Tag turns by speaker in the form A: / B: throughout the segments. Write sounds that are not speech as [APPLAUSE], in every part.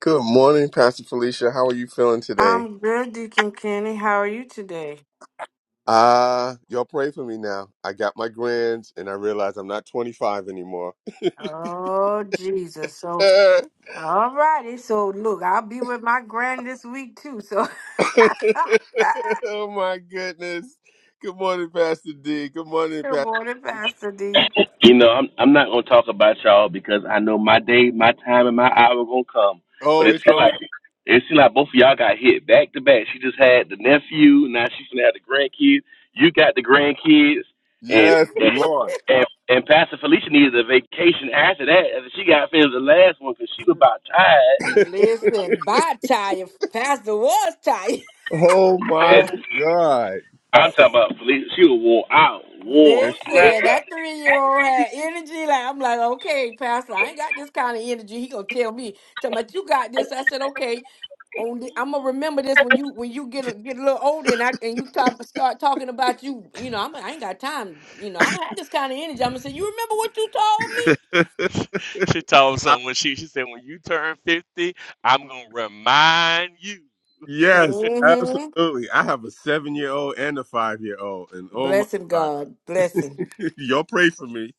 A: Good morning, Pastor Felicia. How are you feeling today?
B: I'm good, Deacon Kenny. How are you today?
A: Ah, y'all pray for me now. I got my grands and I realize I'm not 25 anymore.
B: Oh, Jesus.
A: [LAUGHS]
B: So,
A: oh
B: all righty. So, look, I'll be with my grand this week, too. So, [LAUGHS]
A: my goodness. Good morning, Pastor D. Good morning,
B: good
A: Pastor.
B: morning, Pastor D.
C: You know, I'm I'm not gonna talk about y'all because I know my day, my time, and my hour gonna come. But
A: Oh,
C: it
A: it's
C: seems
A: gonna
C: like
A: come.
C: it seems like both of y'all got hit back to back. She just had the nephew, now she's gonna have the grandkids. You got the grandkids, and
A: Yes,
C: and
A: Lord.
C: and, and Pastor Felicia needed a vacation after that. After she got finished the last one because she was about tired.
A: [LAUGHS]
B: Listen, by tired. Pastor was tired.
A: oh my
C: And
A: God.
C: I'm talking about Felicia. She was wore out, wore
A: Listen,
B: Listen,
C: slept.
B: that three year old had energy. Like I'm like, okay, Pastor, I ain't got this kind of energy. He gonna tell me, tell me you got this. I said, okay. On the, I'm gonna remember this when you when you get a, get a little older and I and you talk, start talking about you. You know, I'm, I ain't got time. You know, I don't have this kind of energy. I'm gonna say, you remember what you told me?
A: I- yes,
B: Mm-hmm.
A: absolutely. I have a seven year old and a five year old, and oh my
B: Blessing
A: God.
B: God, blessing.
A: [LAUGHS] y'all pray for me.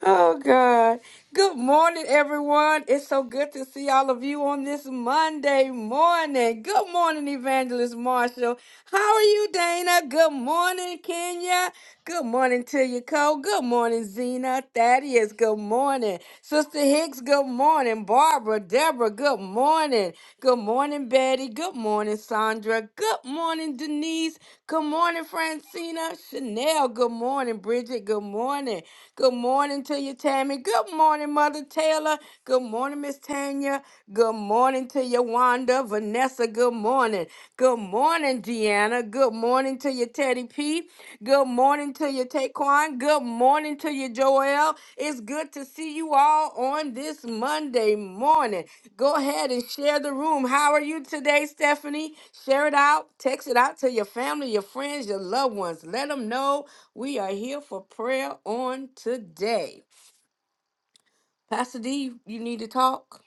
B: Oh, God. Good morning, everyone. It's so good to see all of you on this Monday morning. Good morning, Evangelist Marshall. How are you, Dana? Good morning, Kenya. Good morning to you, Cole. Good morning, Zena. Thaddeus, good morning. Sister Hicks, good morning. Barbara, Deborah, good morning. Good morning, Betty. Good morning, Sandra. Good morning, Denise. Good morning, Francina. Chanel, good morning. Bridget, good morning. Good morning to you, Tammy. Good morning, Mother Taylor. Good morning, Miss Tanya. Good morning to you, Wanda. Vanessa, good morning. Good morning, Deanna. Good morning to you, Teddy P. Good morning to you, Taquan. Good morning to you, Joel. It's good to see you all on this Monday morning. Go ahead and share the room. How are you today, Stephanie? Share it out. Text it out to your family, your friends, your loved ones. Let them know we are here for prayer on today. Pastor D, you need to talk?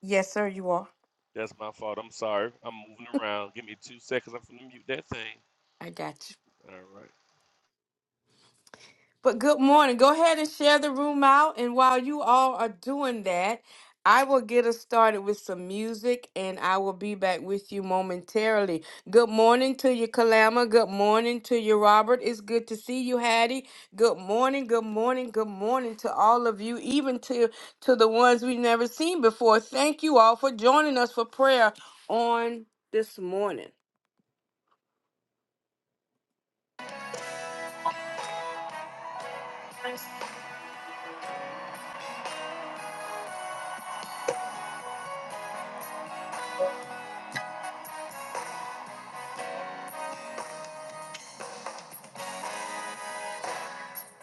B: Yes, sir, you are. I got you. But good morning. Go ahead and share the room out. And while you all are doing that, I will get us started with some music and I will be back with you momentarily. Good morning to you, Kalama. Good morning to you, Robert. It's good to see you, Hattie. Good morning, good morning, good morning to all of you, even to, to the ones we've never seen before. Thank you all for joining us for prayer on this morning.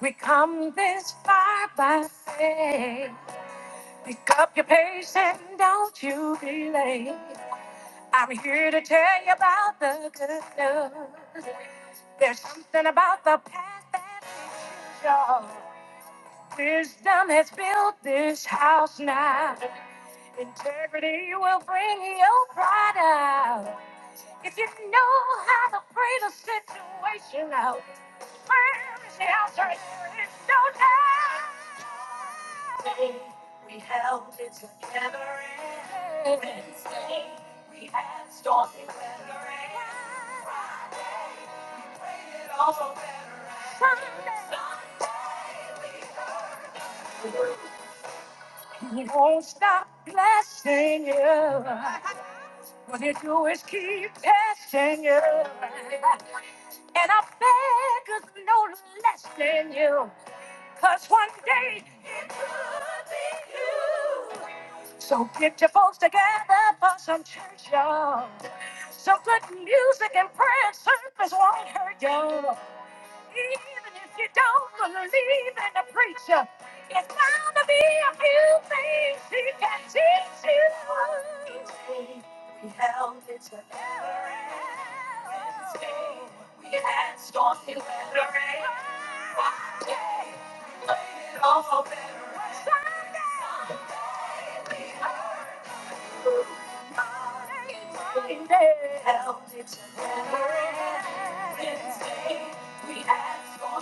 B: We come this far by faith. Pick up your pace and don't you be late. I'm here to tell you about the good news. There's something about the past that makes you sure. Wisdom has built this house now. Integrity will bring your pride out. If you know how to pray the situation out, Prayer is the answer. It's no time. We held it together and Wednesday. We had stormy weather and Friday. It all better. Sunday. Sunday We won't stop blessing you. What they do is keep testing you. And I beg of no less than you. Cause one day it could be you. So get your folks together for some church, y'all. Some good music and prayer service won't hurt you. Even if you don't believe in the preacher, it's bound to be a few things he can teach you. We held it together Wednesday. We had stormy weather and Friday. We played it all for better. Sunday. We heard good morning. Monday. Held it together Wednesday. We had stormy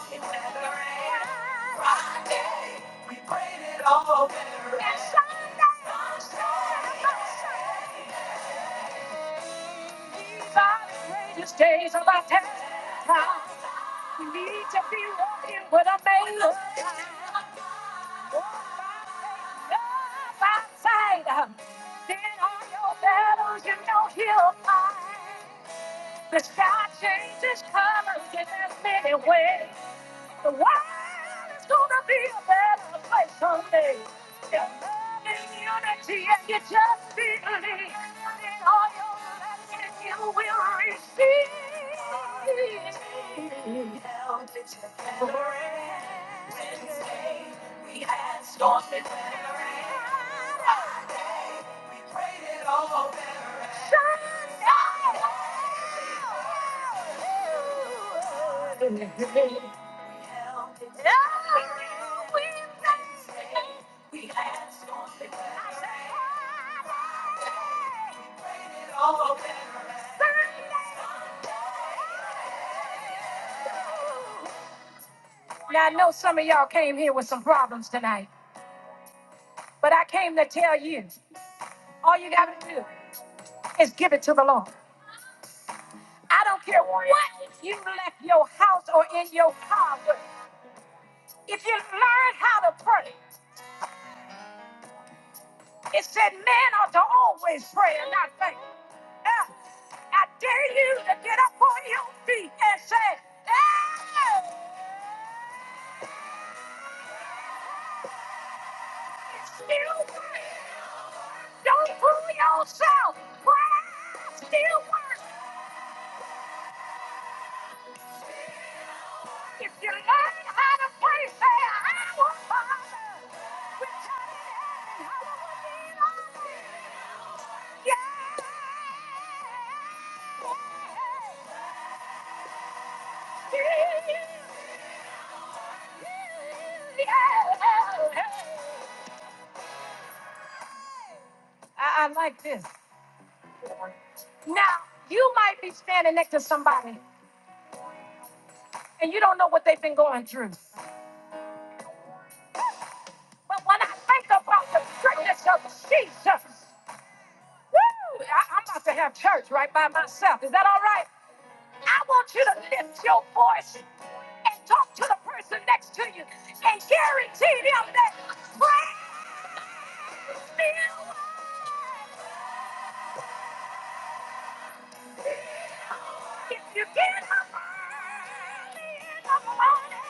B: Days of our time. We need to be walking with a man. Walk by faith, Then all your battles you know he'll fight. The sky changes colors in as many ways. The world is gonna be a better place someday. If love in unity and you just believe in all your blessings, you will receive. Held it together and stay. We had storms and weather and our day we prayed it. Sunday. We knew we Now, I know some of y'all came here with some problems tonight, but I came to tell you all you got to do is give it to the Lord. I don't care what you left your house or in your car with. If you learn how to pray, it said man ought to always pray and not faint. Uh, I dare you to get up on your feet and say, hey, it's still praying. Don't fool yourself. Prayer still works if you learn how to pray. Say, Our Father, which art in heaven, hallowed be thy name. Yeah. Yeah. I, I like this. Now, you might be standing next to somebody and you don't know what they've been going through. But when I think about the goodness of Jesus, woo, I, I'm about to have church right by myself. Is that all right? I want you to lift your voice and talk to the person next to you and guarantee them that praise still will. If you get up early in the morning,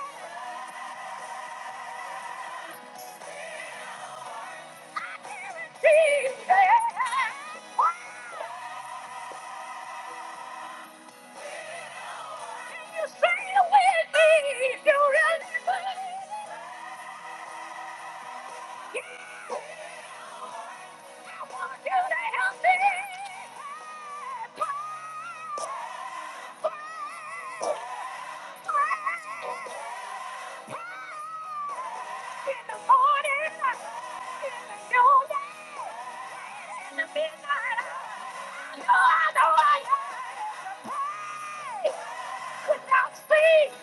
B: I guarantee that praise. Can you say it with me if you really believe it? Without speed!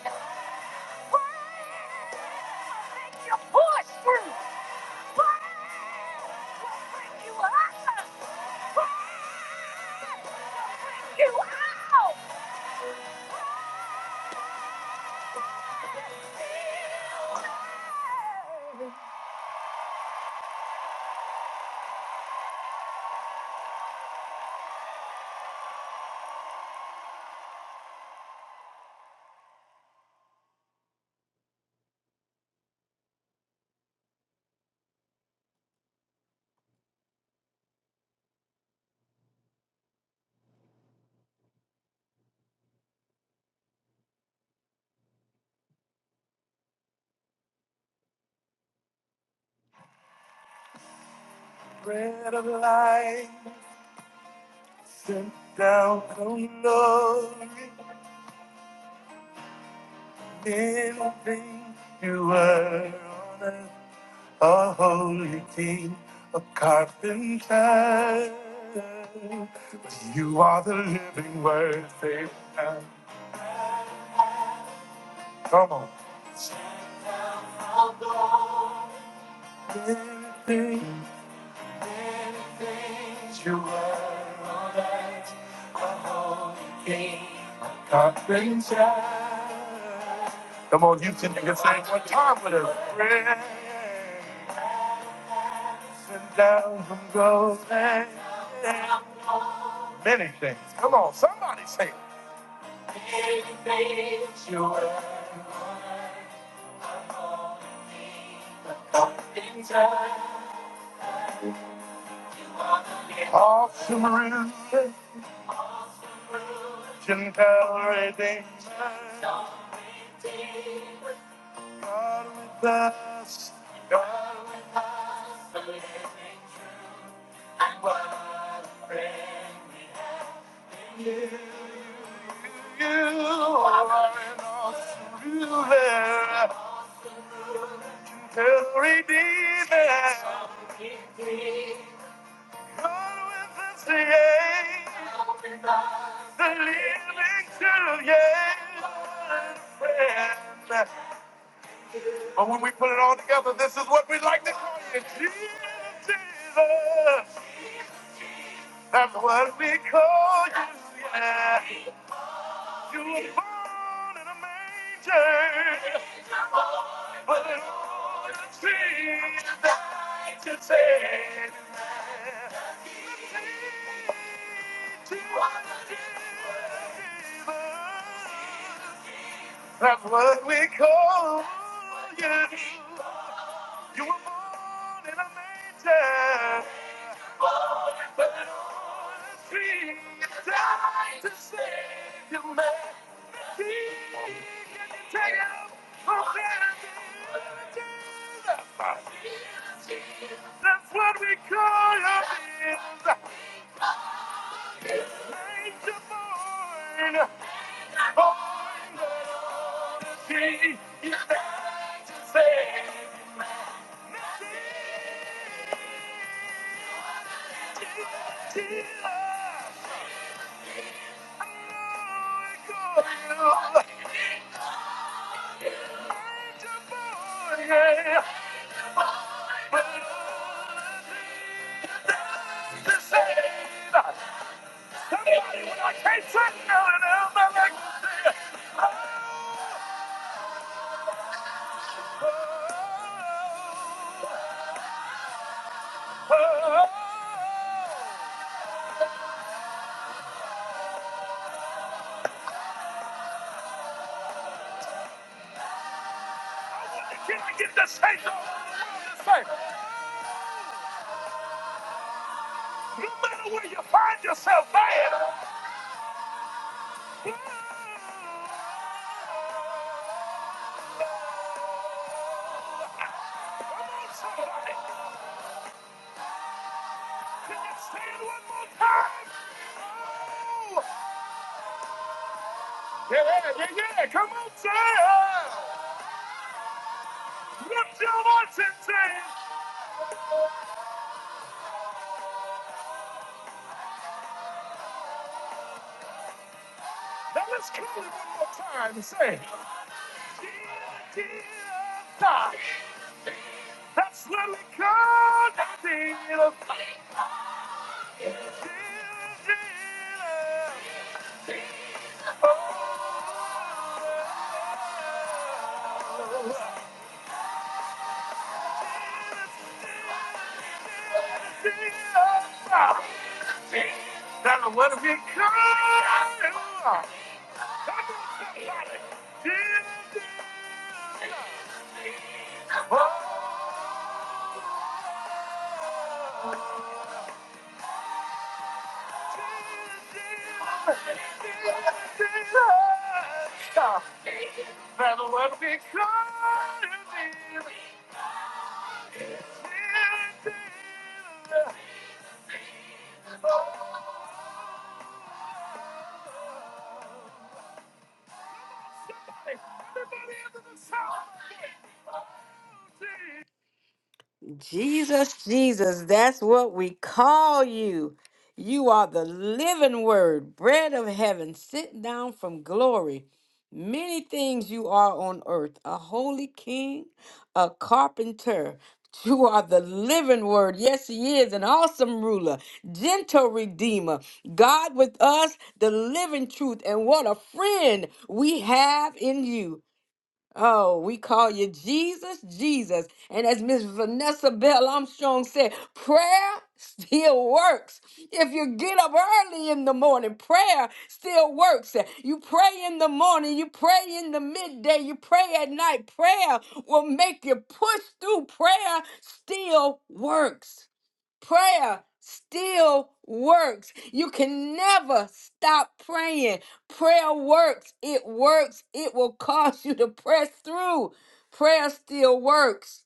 B: Bread of life sent down from glory, living you were on earth. a holy king of carpenters. But you are the living word, they've done. Come on. Living things You were all that, a holy king of carpenters. Come on, you can, you sing one time with us. Friends and down from Golden. Many things. Come on, somebody say it. All surrender and redeemer, God with us. God with you. You are an awesome ruler. The Redeemer. God with us, yeah. The living true, yeah. Friend. But when we put it all together, this is what we like to call you, Jesus. That's what we call you, yeah. You were born in a manger, but an old tree died to save. That's what we call you. You were born in a manger. A tree died to save you, man. That's what we call our biz. Nature born, born to be. You say, "Dear Lord, girl, nature born, yeah." when I can't sing no, no, no, like, can I get this shake on? Hey, No matter where you find yourself, man. Come on, somebody. Can you stand one more time? Oh, yeah, yeah, yeah. Come on, say Lift your voice and say Now let's call it one more time. and Say, dear, dear God, that's what we call the dear, dear, dear. Oh, dear, dear God. That's what it becomes. Jesus, Jesus, that's what we call you. You are the living word, bread of heaven, sent down from glory. Many things you are on earth a holy king, a carpenter. [LAUGHS] You are the living word. Yes, he is an awesome ruler, gentle redeemer, God with us, the living truth. And what a friend we have in you. Oh, we call you Jesus, Jesus. And as Miss Vanessa Bell Armstrong said, prayer still works. If you get up early in the morning, prayer still works. You pray in the morning, you pray in the midday, you pray at night. Prayer will make you push through. Prayer still works. Prayer still works. You can never stop praying. Prayer works. It works. It will cause you to press through. Prayer still works.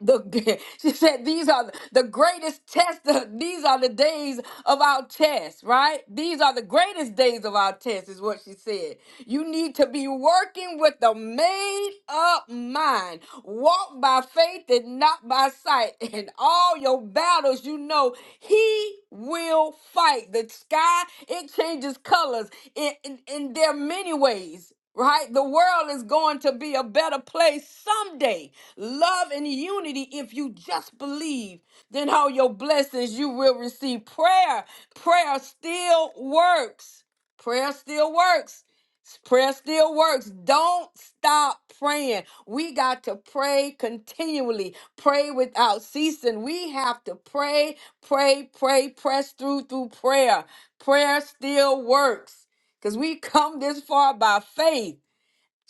B: The, [LAUGHS] she said, These are the greatest tests. [LAUGHS] These are the days of our tests, right? These are the greatest days of our tests, is what she said. You need to be working with a made up mind. Walk by faith and not by sight. [LAUGHS] In all your battles, you know He will fight. The sky, it changes colors in, in, in there are many ways right? The world is going to be a better place someday. Love and unity, if you just believe, then all your blessings you will receive. Prayer, prayer still works. Prayer still works. Prayer still works. Don't stop praying. We got to pray continually. Pray without ceasing. We have to pray, pray, pray, press through through prayer. Prayer still works because we come this far by faith.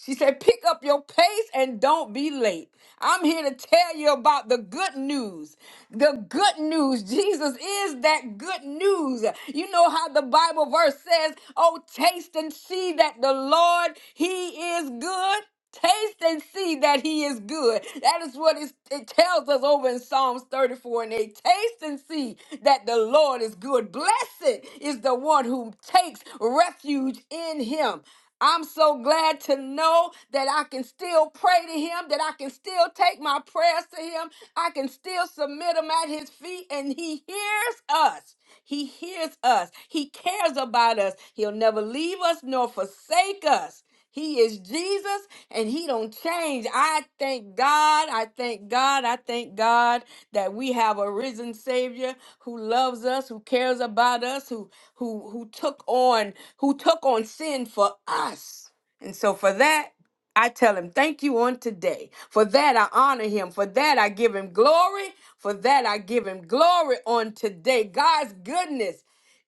B: She said, Pick up your pace and don't be late. I'm here to tell you about the good news. The good news. Jesus is that good news. You know how the Bible verse says, Oh, taste and see that the Lord, He is good. Taste and see that he is good. That is what it's- it tells us over in Psalms 34 and 8. Taste and see that the Lord is good. Blessed is the one who takes refuge in him. I'm so glad to know that I can still pray to him, that I can still take my prayers to him, I can still submit them at his feet, and he hears us. He hears us. He cares about us. He'll never leave us nor forsake us. He is Jesus and he don't change. I thank God. I thank God. I thank God that we have a risen savior who loves us, who cares about us, who who who took on who took on sin for us. And so for that, I tell him thank you on today. For that, I honor him. For that, I give him glory. For that, I give him glory on today. God's goodness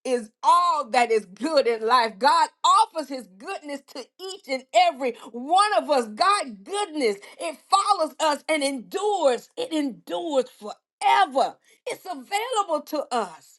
B: is all that is good in life. God offers his goodness to each and every one of us. God goodness, it follows us and endures. It endures forever. It's available to us.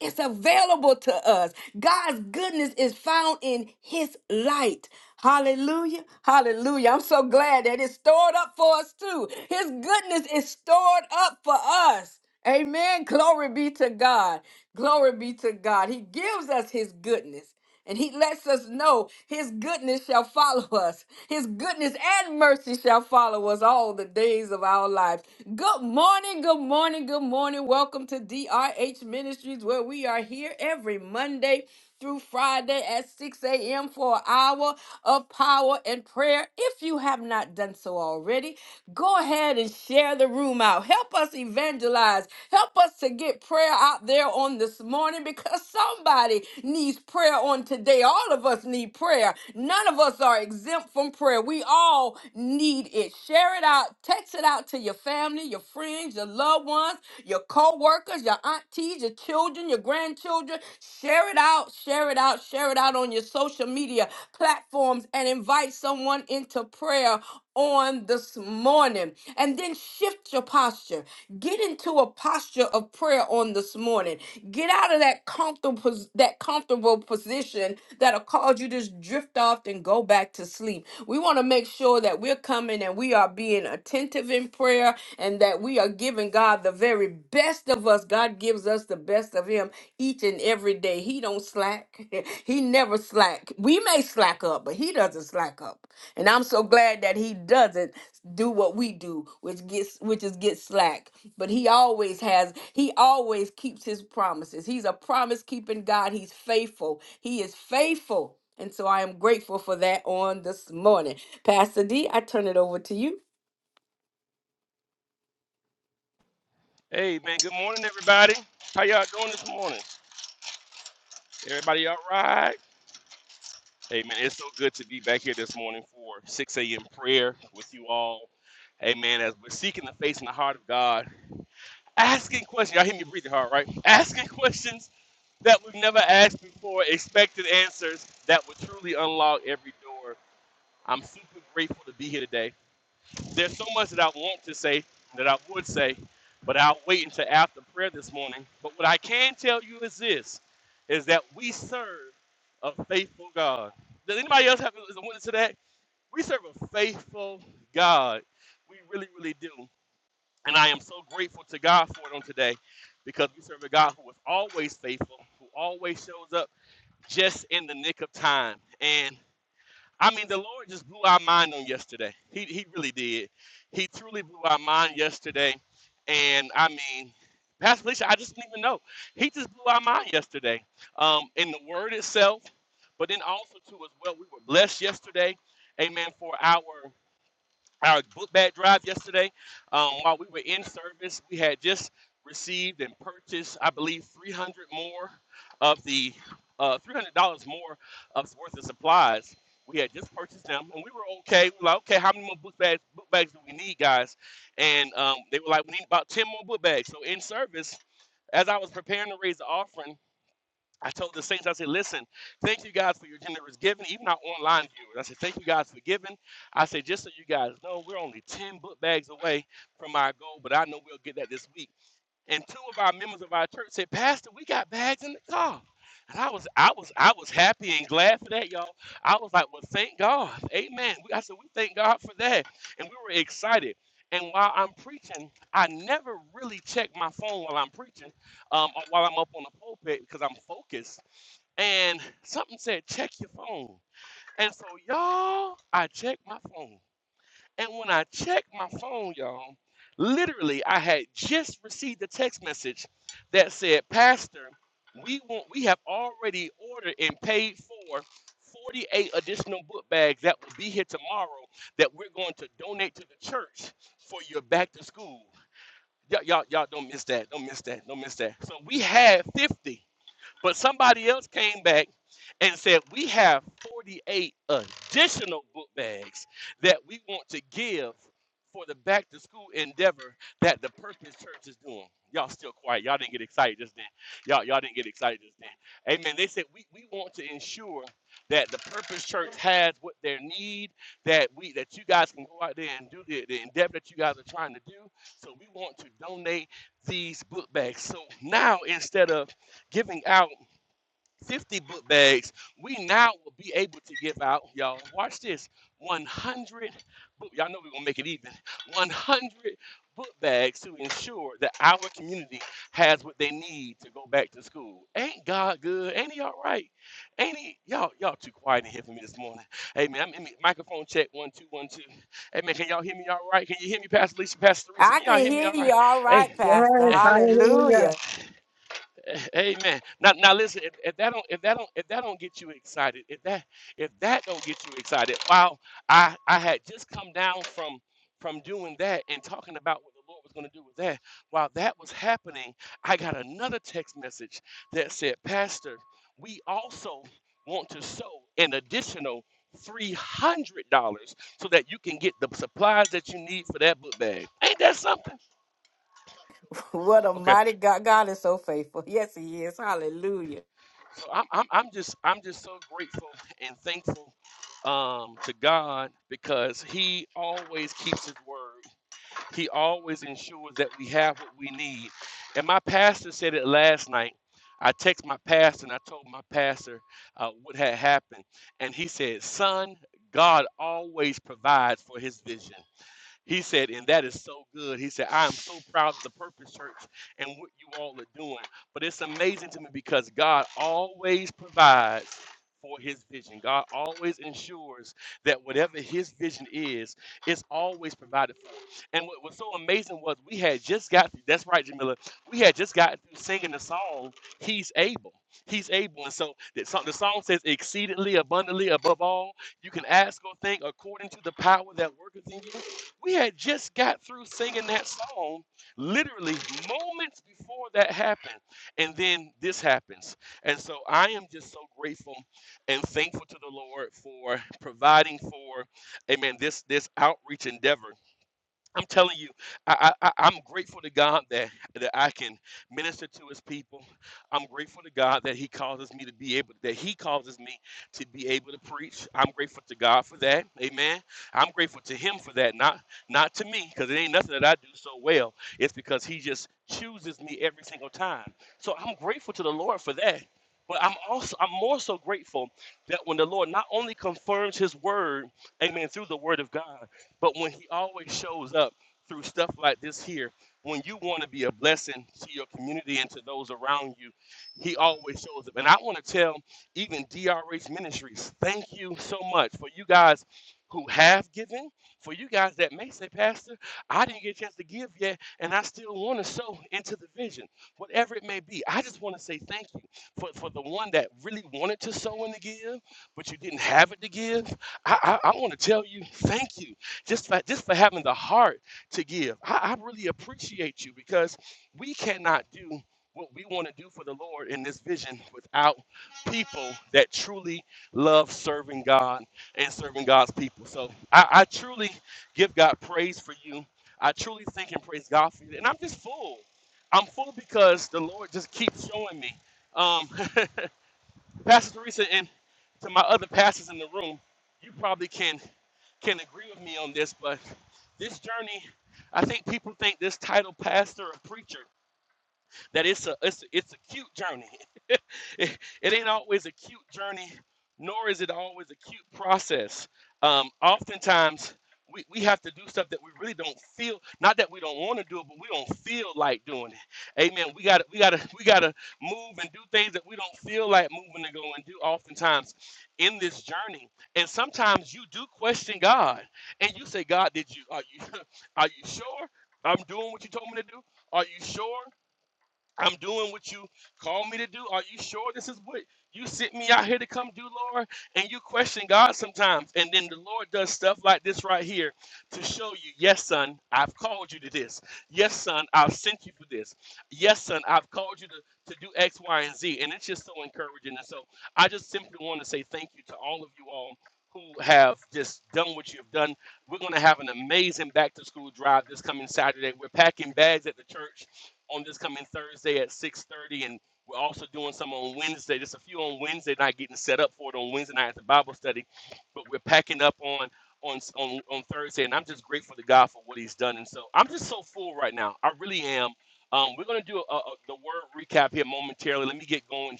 B: It's available to us. God's goodness is found in His light. Hallelujah. Hallelujah. I'm so glad that it's stored up for us too. His goodness is stored up for us. Amen. Glory be to God. Glory be to God. He gives us His goodness. And he lets us know his goodness shall follow us. His goodness and mercy shall follow us all the days of our lives. Good morning, good morning, good morning. Welcome to DRH Ministries, where we are here every Monday through Friday at 6 a.m. for an hour of power and prayer. If you have not done so already, go ahead and share the room out. Help us evangelize. Help us to get prayer out there on this morning because somebody needs prayer on today. All of us need prayer. None of us are exempt from prayer. We all need it. Share it out. Text it out to your family, your friends, your loved ones, your co-workers, your aunties, your children, your grandchildren. Share it out. Share it out. Share it out on your social media platforms and invite someone into prayer on this morning. And then shift your posture. Get into a posture of prayer on this morning. Get out of that comfortable pos- that comfortable position that'll cause you to just drift off and go back to sleep. We want to make sure that we're coming and we are being attentive in prayer and that we are giving God the very best of us. God gives us the best of him each and every day. He don't slack. [LAUGHS] [LAUGHS] He never slack. We may slack up, but he doesn't slack up. And I'm so glad that he doesn't do what we do, which gets which is get slack. But he always has, he always keeps his promises. He's a promise keeping God. He's faithful. He is faithful. And so I am grateful for that on this morning. Pastor D, I turn it over to you. I can hear you all right, Pastor.
D: Yes, hallelujah.
B: Hallelujah. [LAUGHS] What a mighty God. God is so faithful. Yes, he is. Hallelujah.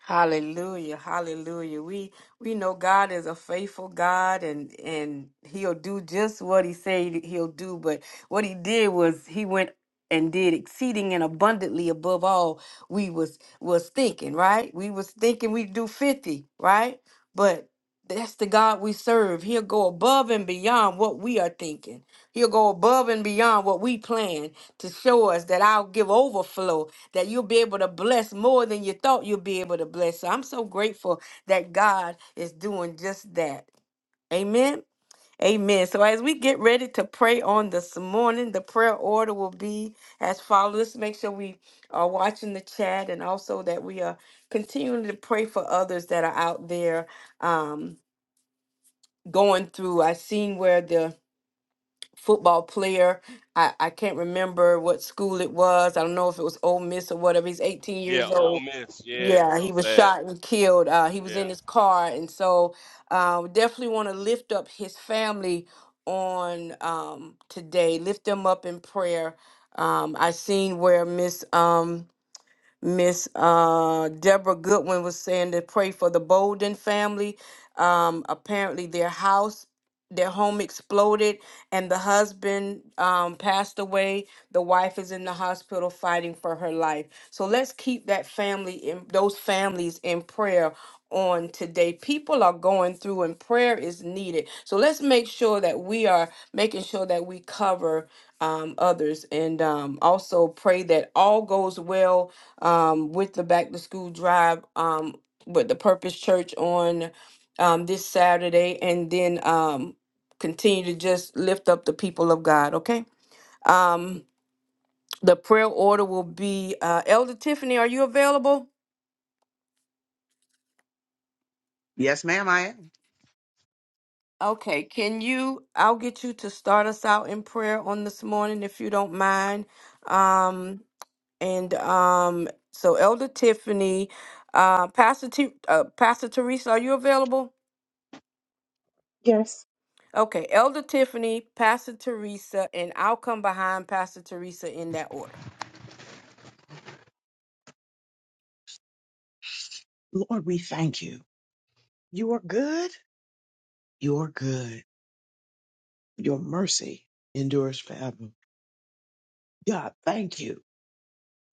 B: Hallelujah. Hallelujah. We we know God is a faithful God and and he'll do just what he said he'll do, but what he did was he went and did exceeding and abundantly above all we was was thinking, right? We was thinking we'd do 50, right? But that's the God we serve. He'll go above and beyond what we are thinking. He'll go above and beyond what we plan to show us that I'll give overflow, that you'll be able to bless more than you thought you'll be able to bless. So I'm so grateful that God is doing just that. Amen. Amen. So as we get ready to pray on this morning, the prayer order will be as follows. Let's make sure we are watching the chat and also that we are continuing to pray for others that are out there. Um, going through. I seen where the football player, I, I can't remember what school it was. I don't know if it was Ole Miss or whatever. He's 18 years old. Yeah, he was shot and killed. Uh, he was in his car. And so uh, we definitely want to lift up his family on um, today, lift them up in prayer. Um, I seen where Miss. um, Miss uh, Deborah Goodwin was saying to pray for the Bolden family. Um, apparently, their house, their home exploded, and the husband um, passed away the wife is in the hospital fighting for her life. So let's keep that family in those families in prayer on today. People are going through and prayer is needed. So let's make sure that we are making sure that we cover um, others and um, also pray that all goes well um, with the back to school drive um, with the Purpose Church on um, this Saturday and then um, continue to just lift up the people of God, okay? Um. The prayer order will be uh, Elder Tiffany, are you available?
E: Yes, ma'am, I am.
B: Okay, can you? I'll get you to start us out in prayer on this morning if you don't mind. Um, and um, so, Elder Tiffany, uh, Pastor, T, uh, Pastor Teresa, are you available?
D: Yes.
B: Okay, Elder Tiffany, Pastor Teresa, and I'll come behind Pastor Teresa in that order.
E: Lord, we thank you. You are good. You are good. Your mercy endures forever. God, thank you.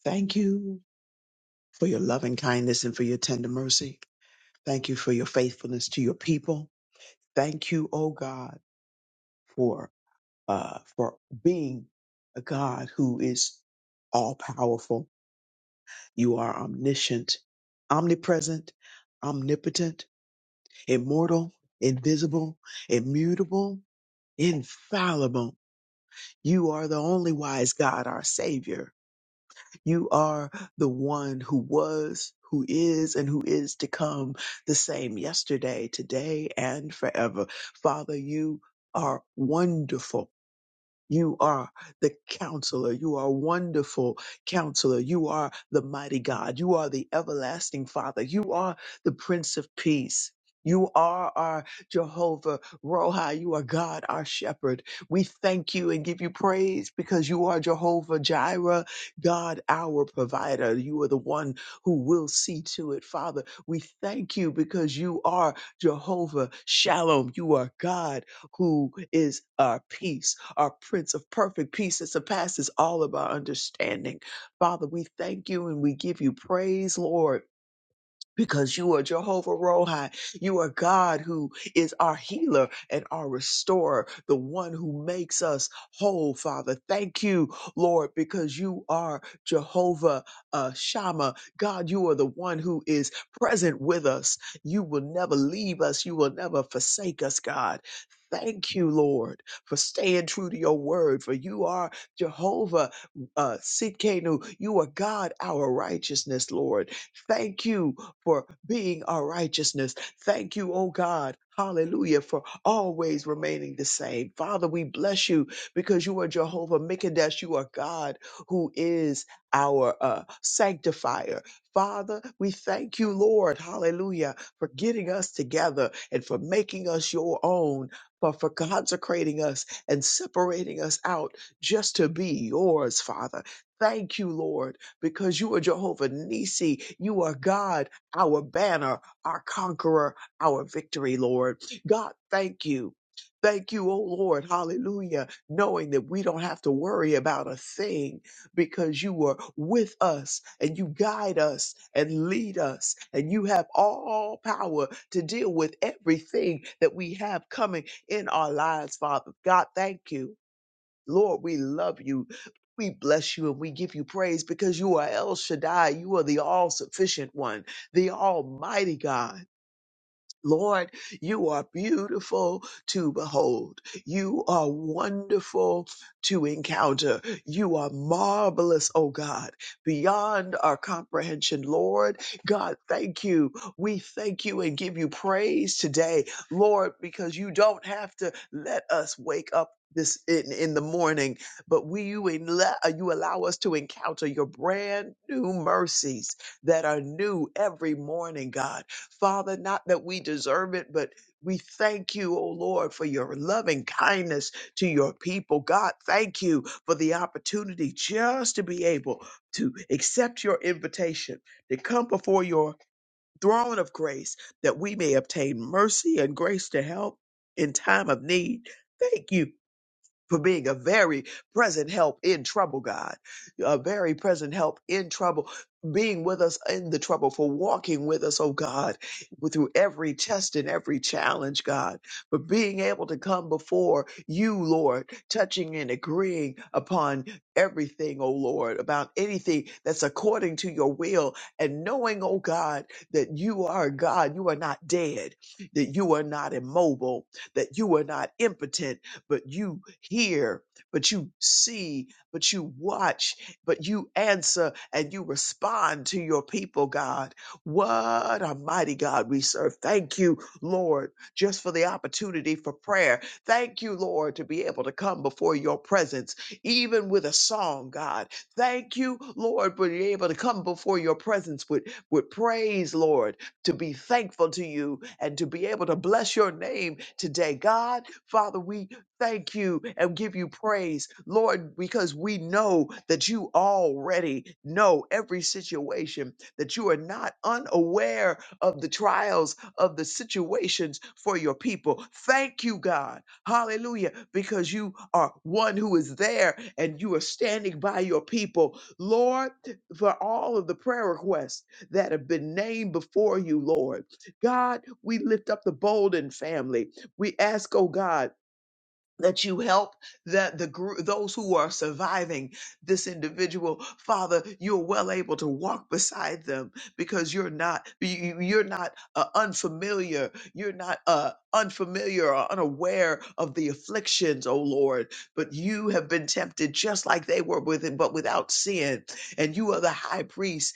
E: Thank you for your loving kindness and for your tender mercy. Thank you for your faithfulness to your people. Thank you, oh God, for uh for being a God who is all powerful. You are omniscient, omnipresent, omnipotent, immortal, invisible, immutable, infallible. You are the only wise God, our Savior. You are the one who was, who is, and who is to come, the same yesterday, today, and forever. Father, you are wonderful you are the counselor. You are wonderful counselor. You are the mighty God. You are the everlasting Father. You are the Prince of Peace. You are our Jehovah Rohi. You are God, our shepherd. We thank you and give you praise because you are Jehovah Jireh, God, our provider. You are the one who will see to it, Father. We thank you because you are Jehovah Shalom. You are God who is our peace, our Prince of perfect peace that surpasses all of our understanding. Father, we thank you and we give you praise, Lord because you are Jehovah Rohi. You are God who is our healer and our restorer, the one who makes us whole, Father. Thank you, Lord, because you are Jehovah uh, Shammah. God, you are the one who is present with us. You will never leave us. You will never forsake us, God. Thank you, Lord, for staying true to your word, for you are Jehovah uh, Sidkenu. You are God, our righteousness, Lord. Thank you for being our righteousness. Thank you, oh God. Hallelujah, for always remaining the same. Father, we bless you because you are Jehovah Mikadesh. You are God who is our uh, sanctifier. Father, we thank you, Lord, hallelujah, for getting us together and for making us your own, for, for consecrating us and separating us out just to be yours, Father. Thank you, Lord, because you are Jehovah Nisi. You are God our banner, our conqueror, our victory, Lord. God, thank you. Thank you, oh Lord, hallelujah, knowing that we don't have to worry about a thing because you are with us and you guide us and lead us and you have all power to deal with everything that we have coming in our lives, Father. God, thank you. Lord, we love you. We bless you and we give you praise because you are El Shaddai. You are the all sufficient one, the almighty God. Lord, you are beautiful to behold. You are wonderful to encounter. You are marvelous, oh God, beyond our comprehension. Lord, God, thank you. We thank you and give you praise today, Lord, because you don't have to let us wake up this in, in the morning, but we you, enla- you allow us to encounter your brand new mercies that are new every morning, God. Father, not that we deserve it, but we thank you, O Lord, for your loving kindness to your people. God, thank you for the opportunity just to be able to accept your invitation to come before your throne of grace that we may obtain mercy and grace to help in time of need. Thank you for being a very present help in trouble, God, a very present help in trouble, being with us in the trouble, for walking with us, oh God, through every test and every challenge, God, for being able to come before you, Lord, touching and agreeing upon everything, oh Lord, about anything that's according to your will, and knowing, oh God, that you are God, you are not dead, that you are not immobile, that you are not impotent but you hear, but you see, but you watch, but you answer and you respond to your people, God. What a mighty God we serve. Thank you, Lord, just for the opportunity for prayer. Thank you, Lord, to be able to come before your presence, even with a song, God. Thank you, Lord, for being able to come before your presence with, with praise, Lord, to be thankful to you and to be able to bless your name today. God, Father, we thank you and give you praise, Lord, because we know that you already know every situation, that you are not unaware of the trials of the situations for your people. Thank you, God. Hallelujah, because you are one who is there and you are standing by your people. Lord, for all of the prayer requests that have been named before you, Lord. God, we lift up the Bolden family. We ask, oh God, that you help that the group those who are surviving this individual father you're well able to walk beside them because you're not you- you- are not uh, unfamiliar you're not uh unfamiliar or unaware of the afflictions oh lord but you have been tempted just like they were with it but without sin and you are the high priest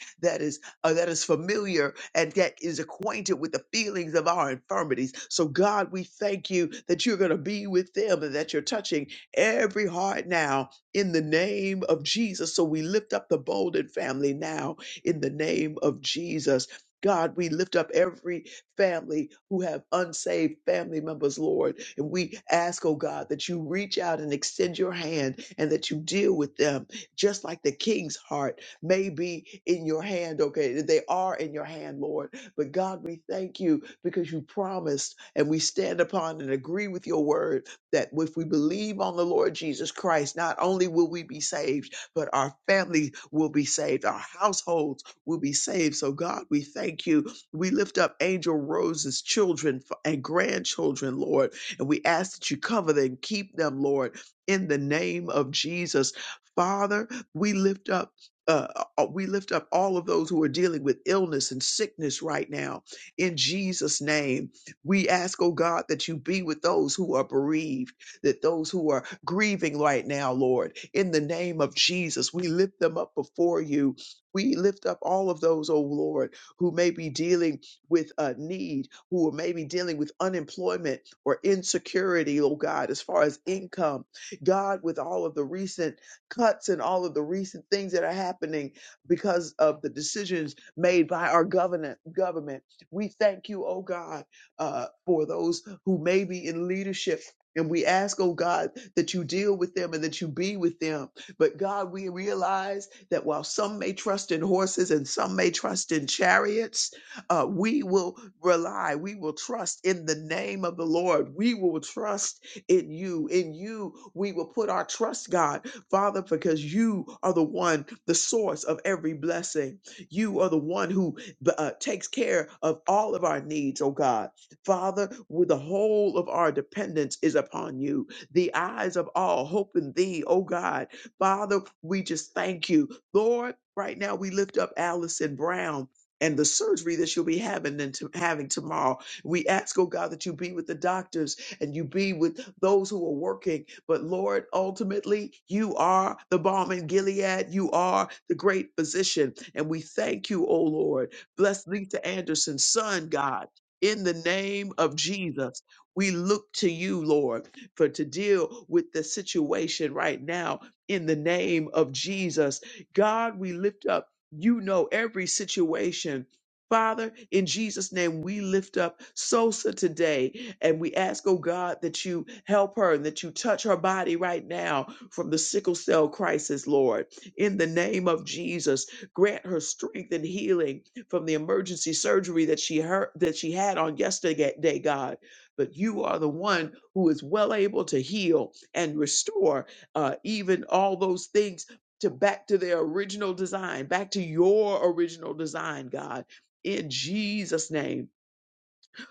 E: uh, that is familiar and that is acquainted with the feelings of our infirmities. So, God, we thank you that you're going to be with them and that you're touching every heart now in the name of Jesus. So, we lift up the Bolden family now in the name of Jesus. God, we lift up every family who have unsaved family members, Lord. And we ask, oh God, that you reach out and extend your hand and that you deal with them just like the king's heart may be in your hand, okay? that They are in your hand, Lord. But God, we thank you because you promised and we stand upon and agree with your word that if we believe on the Lord Jesus Christ, not only will we be saved, but our family will be saved, our households will be saved. So, God, we thank you. We lift up Angel Rose's children f- and grandchildren, Lord, and we ask that you cover them, keep them, Lord, in the name of Jesus. Father, we lift up uh, uh, we lift up all of those who are dealing with illness and sickness right now in Jesus' name. We ask, oh God, that you be with those who are bereaved, that those who are grieving right now, Lord, in the name of Jesus, we lift them up before you. We lift up all of those, oh Lord, who may be dealing with a need, who may be dealing with unemployment or insecurity, oh God, as far as income. God, with all of the recent cuts and all of the recent things that are happening because of the decisions made by our government. Government, we thank you, oh God, uh, for those who may be in leadership. And we ask, oh God, that you deal with them and that you be with them. But God, we realize that while some may trust in horses and some may trust in chariots, uh, we will rely, we will trust in the name of the Lord. We will trust in you. In you, we will put our trust, God. Father, because you are the one, the source of every blessing. You are the one who uh, takes care of all of our needs, oh God. Father, with the whole of our dependence is upon you. The eyes of all hope in thee, oh God. Father, we just thank you. Lord, right now we lift up Allison Brown. And the surgery that she'll be having and to, having tomorrow, we ask, oh God, that you be with the doctors and you be with those who are working. But Lord, ultimately, you are the balm in Gilead. You are the great physician. And we thank you, O Lord. Bless Lisa Anderson's son, God. In the name of Jesus, we look to you, Lord, for to deal with the situation right now. In the name of Jesus, God, we lift up. You know every situation Father, in Jesus' name, we lift up Sosa today and we ask, oh God, that you help her and that you touch her body right now from the sickle cell crisis, Lord. In the name of Jesus, grant her strength and healing from the emergency surgery that she heard, that she had on yesterday, day, God. But you are the one who is well able to heal and restore uh, even all those things to back to their original design, back to your original design, God in Jesus' name.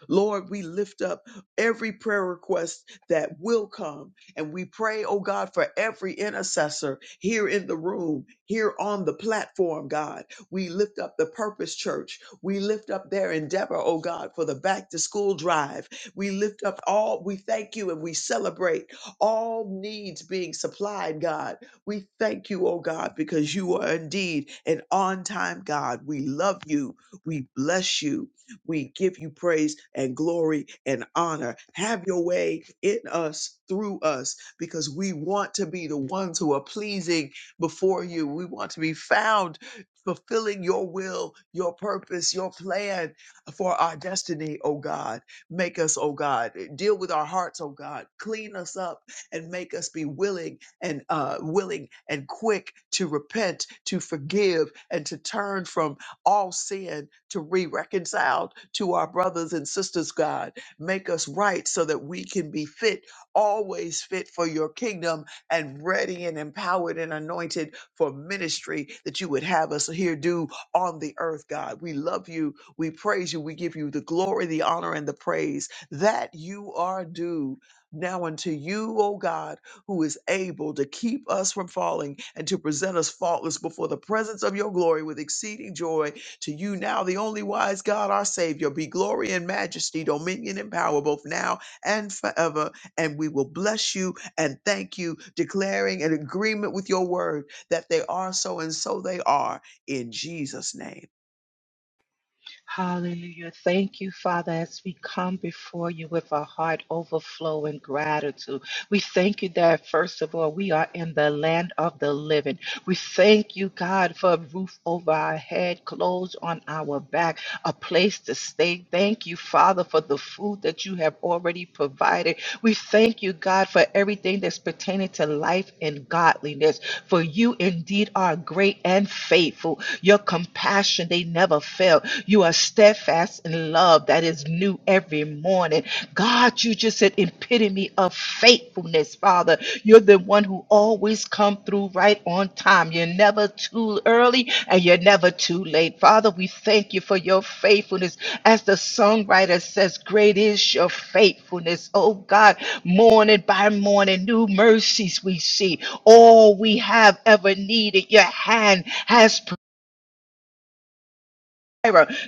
E: Lord, we lift up every prayer request that will come. And we pray, oh God, for every intercessor here in the room, here on the platform, God. We lift up the Purpose Church. We lift up their endeavor, oh God, for the back to school drive. We lift up all, we thank you and we celebrate all needs being supplied, God. We thank you, oh God, because you are indeed an on time God. We love you. We bless you. We give you praise and glory and honor. Have your way in us, through us, because we want to be the ones who are pleasing before you. We want to be found fulfilling your will, your purpose, your plan for our destiny, oh God. Make us, oh God, deal with our hearts, oh God. Clean us up and make us be willing and uh, willing and quick to repent, to forgive, and to turn from all sin to be reconciled to our brothers and sisters, God. Make us right so that we can be fit, always fit for your kingdom and ready and empowered and anointed for ministry that you would have us here do on the earth, God. We love you. We praise you. We give you the glory, the honor, and the praise that you are due. Now unto you, O God, who is able to keep us from falling and to present us faultless before the presence of your glory with exceeding joy to you now, the only wise God, our Savior, be glory and majesty, dominion and power, both now and forever. And we will bless you and thank you, declaring an agreement with your word that they are so and so they are in Jesus' name.
D: Hallelujah. Thank you, Father, as we come before you with our heart overflowing gratitude. We thank you that, first of all, we are in the land of the living. We thank you, God, for a roof over our head, clothes on our back, a place to stay. Thank you, Father, for the food that you have already provided. We thank you, God, for everything that's pertaining to life and godliness. For you indeed are great and faithful. Your compassion, they never fail. You are steadfast in love that is new every morning. God, you just an epitome of faithfulness, Father. You're the one who always come through right on time. You're never too early and you're never too late. Father, we thank you for your faithfulness. As the songwriter says, great is your faithfulness. Oh God, morning by morning, new mercies we see. All we have ever needed, your hand has provided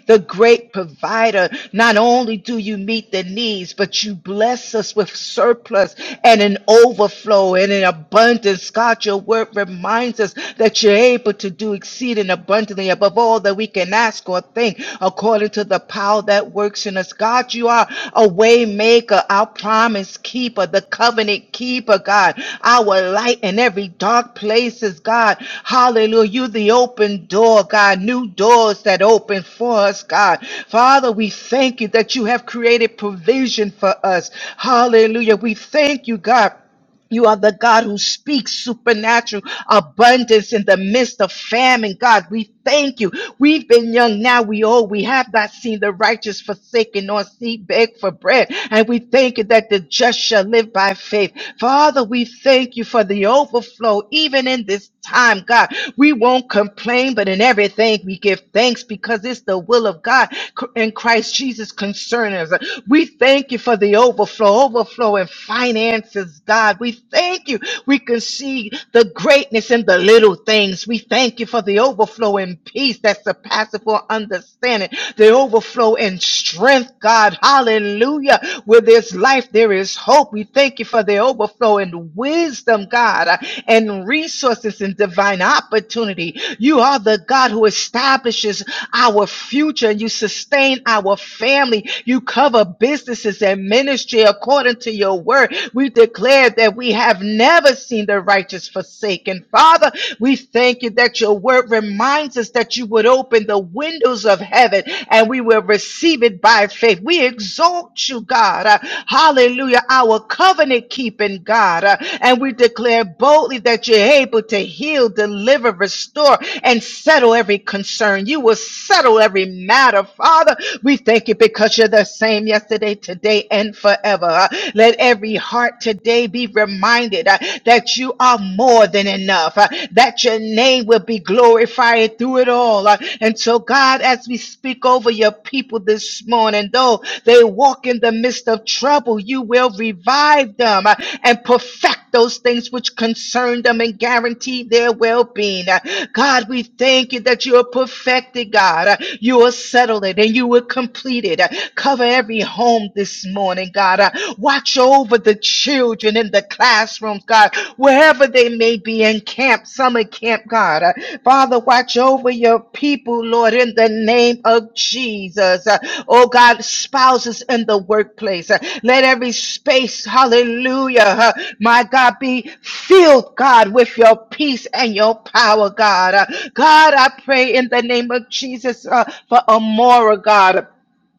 D: the great provider. Not only do you meet the needs, but you bless us with surplus and an overflow and an abundance. God, your word reminds us that you're able to do exceeding abundantly above all that we can ask or think according to the power that works in us. God, you are a way maker, our promise keeper, the covenant keeper, God, our light in every dark places, God. Hallelujah. You the open door, God, new doors that open for us, God. Father, we thank you that you have created provision for us. Hallelujah. We thank you, God you are the God who speaks supernatural abundance in the midst of famine. God, we thank you. We've been young now, we old. We have not seen the righteous forsaken nor seed beg for bread. And we thank you that the just shall live by faith. Father, we thank you for the overflow, even in this time, God. We won't complain, but in everything we give thanks because it's the will of God in Christ Jesus concerning us. We thank you for the overflow, overflow in finances, God. We thank you. We can see the greatness in the little things. We thank you for the overflow in peace that surpasses all understanding, the overflow in strength, God. Hallelujah. Where there's life, there is hope. We thank you for the overflow in wisdom, God, uh, and resources and divine opportunity. You are the God who establishes our future. You sustain our family. You cover businesses and ministry according to your word. We declare that we have never seen the righteous forsaken. Father, we thank you that your word reminds us that you would open the windows of heaven and we will receive it by faith. We exalt you, God. Uh, hallelujah. Our covenant keeping God. Uh, and we declare boldly that you're able to heal, deliver, restore, and settle every concern. You will will settle every matter. Father, we thank you because you're the same yesterday, today, and forever. Uh, Let every heart today be reminded uh, that you are more than enough, uh, that your name will be glorified through it all. Uh, And so, God, as we speak over your people this morning, though they walk in the midst of trouble. You will revive them uh, and perfect those things which concern them and guarantee their well being. God, we thank you that you are perfected, God. Uh, You are settled it and you will complete it. Uh, Cover every home this morning, God. Uh, Watch over the children in the classrooms, God, wherever they may be Caribbean camp, summer camp, God. Uh, Father, watch over your people, Lord, in the name of Jesus. Uh, Oh God, spouses in the workplace. Uh, Let every space, hallelujah, uh, my God, be filled, God, with your peace and your power, God. Uh, God, I pray in the name of Jesus uh, for Amora, God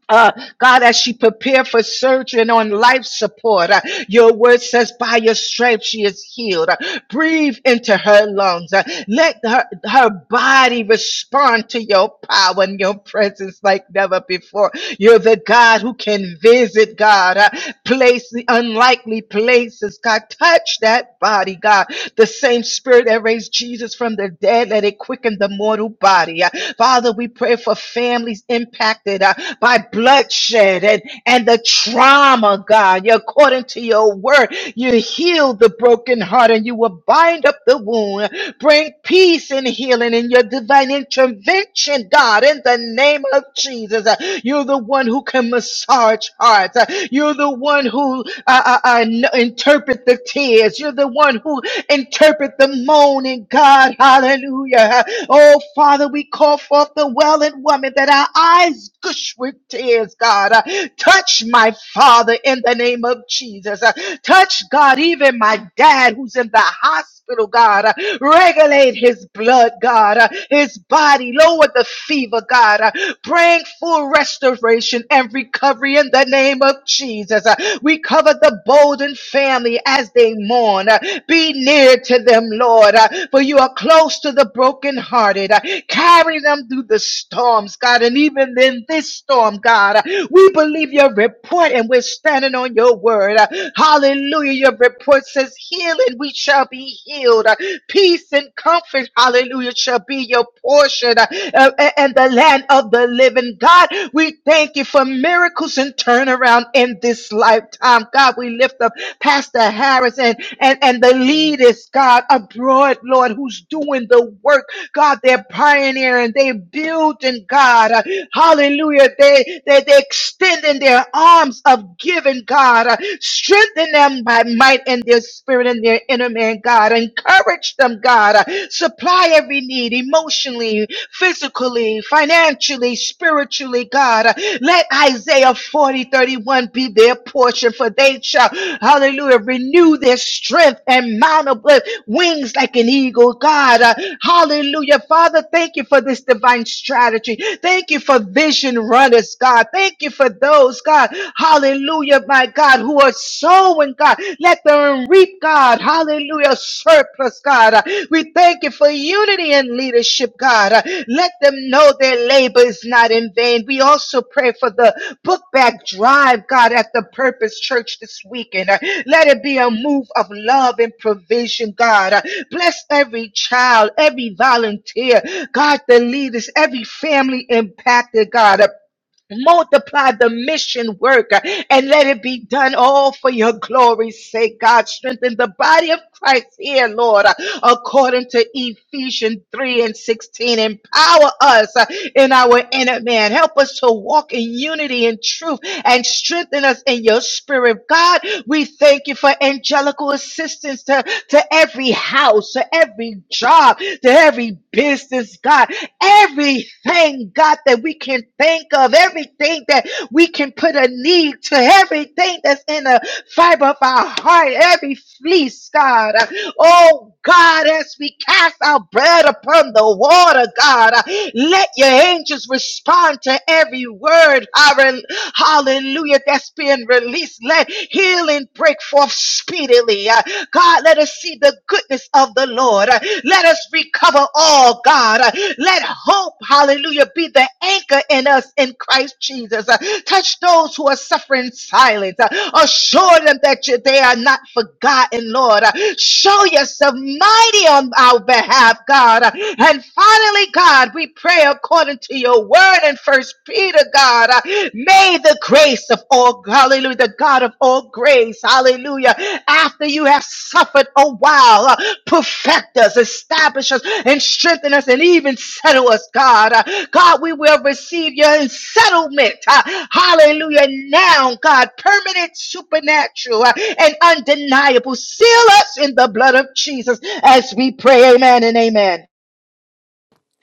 D: uh, God, as she prepared for surgery and on life support, uh, your word says, by your stripes she is healed. Uh, breathe into her lungs. Uh, let her, her body respond to your power and your presence like never before. You're the God who can visit, God, uh, place the unlikely earthly places. God, touch that body, God. The same spirit that raised Jesus from the dead, let it quicken the mortal body. Uh, Father, we pray for families impacted uh, by bloodshed and, and the trauma, God. You- According to your word, you heal the broken heart and you will bind up the wound. Bring peace and healing in your divine intervention, God, in the name of Jesus. Uh, You're the one who can massage hearts. Uh, You're the one who uh, uh, uh, interpret the tears. You're the one who interpret the moaning, God. Hallelujah. Oh, Father, we call forth the well and woman that our eyes gush with tears, God. Uh, Touch my Father in the name of Jesus. Touch, God, even my dad who's in the hospital, God. Uh, Regulate his blood, God, uh, his body. Lower the fever, God. Uh, Praying for restoration and recovery in the name of Jesus. Uh, We cover the Bolden family as they mourn. Uh, Be near to them, Lord, uh, for you are close to the brokenhearted. Uh, Carry them through the storms, God, and even in this storm, God, uh, we believe your report and we're standing on your word. Uh, Hallelujah. Your report says, healing. we shall be healed. Uh, Peace and comfort, hallelujah, shall be your portion uh, uh, and the land of the living. God, we thank you for miracles and turnaround in this lifetime. God, we lift up Pastor Harris and, and, and the leaders, God, abroad, Lord, who's doing the work. God, they're pioneering, they building, God. Uh, Hallelujah. They, they, they extending their arms of giving, God. Uh, Strengthen them by might and their spirit and their inner man, God. Encourage them, God. Uh, Supply every need emotionally, physically, financially, spiritually, God. Uh, Let Isaiah 40 31 be their portion, for they shall, hallelujah, renew their strength and mount up with wings like an eagle, God. God. Uh, Hallelujah. Father, thank you for this divine strategy. Thank you for vision runners, God. Thank you for those, God. Hallelujah, my God, who are sowing, God. Let them reap, God. Hallelujah, surplus, God. Uh, We thank you for unity and leadership, God. Uh, Let them know their labor is not in vain. We also pray for the book bag drive, God, at the Purpose Church this weekend. Uh, Let it be a move of love and provision, God. Uh, Bless every child, every volunteer, God, the leaders, every family impacted, God. Multiply the mission work uh, and let it be done all for your glory's sake, God. Strengthen the body of Christ here, Lord, uh, according to Ephesians 3 and 16. Empower us uh, in our inner man. Help us to walk in unity and truth and strengthen us in your spirit. God, we thank you for angelical assistance to, to every house, to every job, to every business, God. Everything, God, that we can think of, everything that we can put a need to, everything that's in the fiber of our heart, every fleece, God. Oh, God, as we cast our bread upon the water, God, let your angels respond to every word, hallel- hallelujah, that's being released. Let healing break forth speedily. God, let us see the goodness of the Lord. Let us recover all, God. Let hope, hallelujah, be the anchor in us in Christ Jesus. Touch those who are suffering silence. Assure them that you, they are not forgotten, Lord. Show yourself mighty on our behalf, God. And finally, God, we pray according to your word in First Peter be to God. Uh, May the grace of all, hallelujah, the God of all grace, hallelujah, after you have suffered a while, uh, perfect us, establish us, and strengthen us, and even settle us, God. Uh, God, we will receive your settlement, uh, hallelujah, now, God, permanent, supernatural, uh, and undeniable. Seal us in the blood of Jesus as we pray, amen and amen.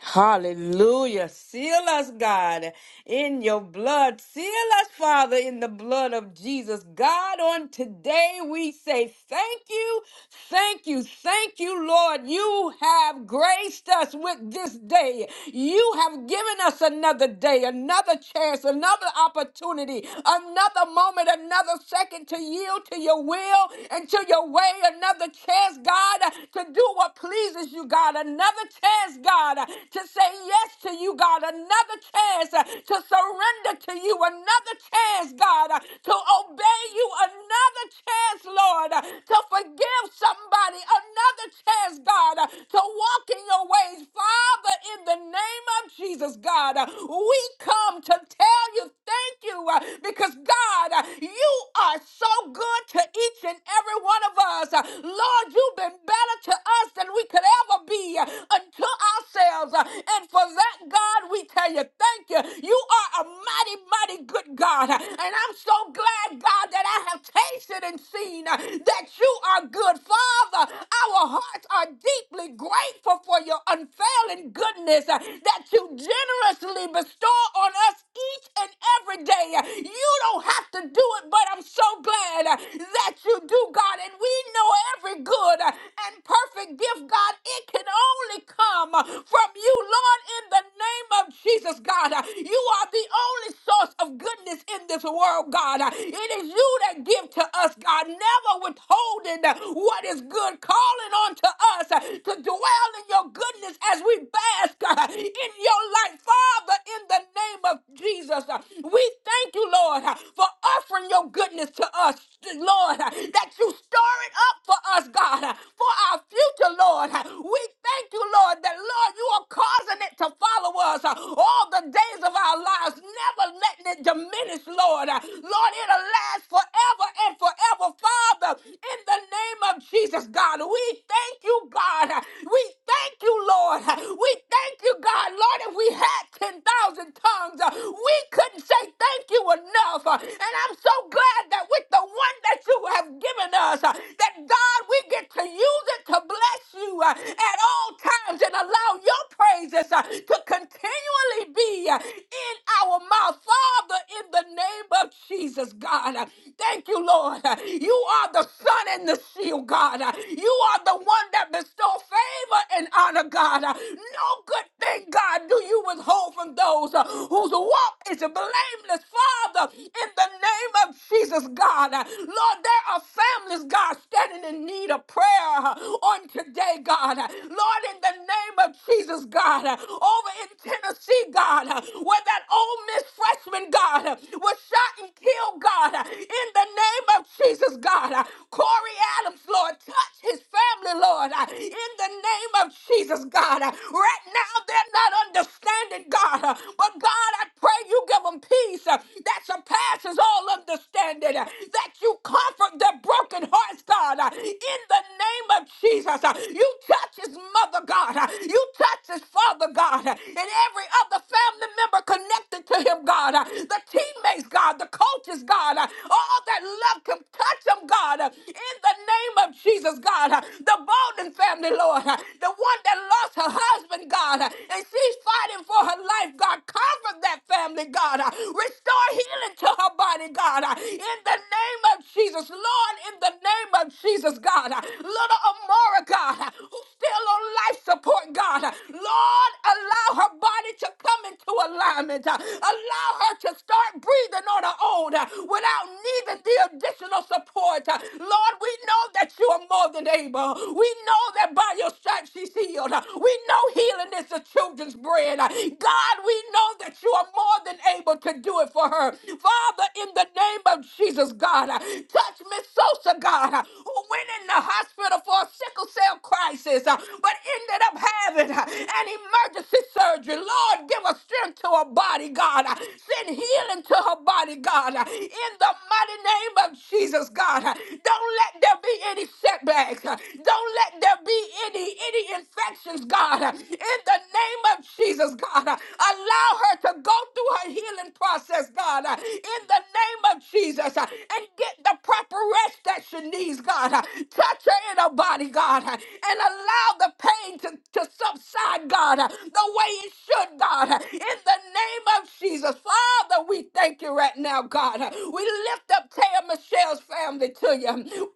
B: Hallelujah. Seal us, God, in your blood. Seal us, Father, in the blood of Jesus. God, on today we say thank you, thank you, thank you, Lord. You have graced us with this day. You have given us another day, another chance, another opportunity, another moment, another second to yield to your will and to your way, another chance, God, to do what pleases you, God. God, another chance, God, to say yes to you, God, another chance to surrender to you, another chance, God, to obey you, another chance, Lord, to forgive somebody, another chance, God, to walk in your ways. Father, in the name of Jesus, God, we come to tell you thank you uh, because, God, uh, you are so good to each and every one of us. Uh, Lord, you've been is better to us than we could ever be uh, unto ourselves. Uh, And for that, God, we tell you, thank you. You are a mighty, mighty good God. Uh, And I'm so glad, God, that I have tasted and seen uh, that you are good. Father, our hearts are deeply grateful for your unfailing goodness uh, that you generously bestow on us each and every every day. You don't have to do it, but I'm so glad uh, that you do, God. And we know every good uh, and perfect gift, God, it can only come uh, from you, Lord, in the name of Jesus, God. Uh, You are the only source of goodness in this world, God. Uh, It is you that give to us, God, never withholding uh, what is good, calling on to us uh, to dwell in your goodness as we bask uh, in your light, Father, in the name of of Jesus. Uh, We thank you, Lord, uh, for offering your goodness to us, Lord, uh, that you store it up for us, God, uh, for our future, Lord. Uh, We thank you, Lord, that, Lord, you are causing it to follow us uh, all the days of our lives, never letting it diminish, Lord. Uh, Lord, it'll last forever and forever, Father, in the name of Jesus, God. We thank you, God. Uh, We thank you, Lord. Uh, We thank you, God. Lord, if we had 10,000 tongues. Uh, We couldn't say thank you enough. Uh, And I'm so glad that with the one that you have given us, uh, that God, we get to use it to bless you uh, at all times and allow your praises uh, to continually be uh, in our mouth. Father, in the name of Jesus, God, uh, thank you, Lord. Uh, You are the sun and the shield, God. Uh, You are the one that bestows favor and honor, God. Uh, No good thing Thank God, do you withhold from those uh, whose walk is blameless, Father, in the name of Jesus, God. Uh, Lord, there are families, God, standing in need of prayer uh, on today, God. Uh, Lord, in the name of Jesus, God, uh, over in Tennessee, God, uh, where that old Miss freshman, God, uh, was shot and killed, God, uh, in the name of Jesus, God. Uh, Corey Adams, Lord, touch his family, Lord, uh, in the name of Jesus, God. uh, Right now, they're not understanding, God. Uh, But God, I pray you give them peace uh, that surpasses all understanding, uh, that you comfort their broken hearts, God. Uh, In the name of Jesus, uh, you touch his mother, God. Uh, You touch his father, God. Uh, And every other family member connected to him, God. Uh, The teammates praise, God, the coaches, God, uh, all that love can touch them, God, uh, in the name of Jesus, God, uh, the Bolden family, Lord, uh, the one that lost her husband, God, uh, and she's fighting for her life, God, comfort that family, God, uh, restore healing to her body, God, uh, in the name of Jesus, Lord, in the name of Jesus, God, uh, little Amora, God, uh, who's still on life support, God. Lord, allow her body to come into alignment. Allow her to start breathing on her own without needing the additional support. Lord, we know that you are more than able. We know that by your stripes she's healed. We know healing is the children's bread. God, we know that you are more than able to do it for her. Father, in the name of Jesus. Jesus, God. Uh, Touch Miss Sosa, God, uh, who went in the hospital for a sickle cell crisis, uh, but ended up having uh, an emergency surgery. Lord, give her strength to her body, God. Uh, Send healing to her body, God. Uh, In the mighty name of Jesus, God. Uh, Don't let there be any setbacks. Uh, Don't let there be any any infections, God. Uh, In the name of of Jesus, God. Uh, Allow her to go through her healing process, God, uh, in the name of Jesus, uh, and get the proper rest that she needs, God. Uh, Touch her in her body, God, uh, and allow the pain to, to subside, God, uh, the way it should, God, uh, in the name of Jesus. Father, we thank you right now, God. Uh, We lift up Taya Michelle's family to you.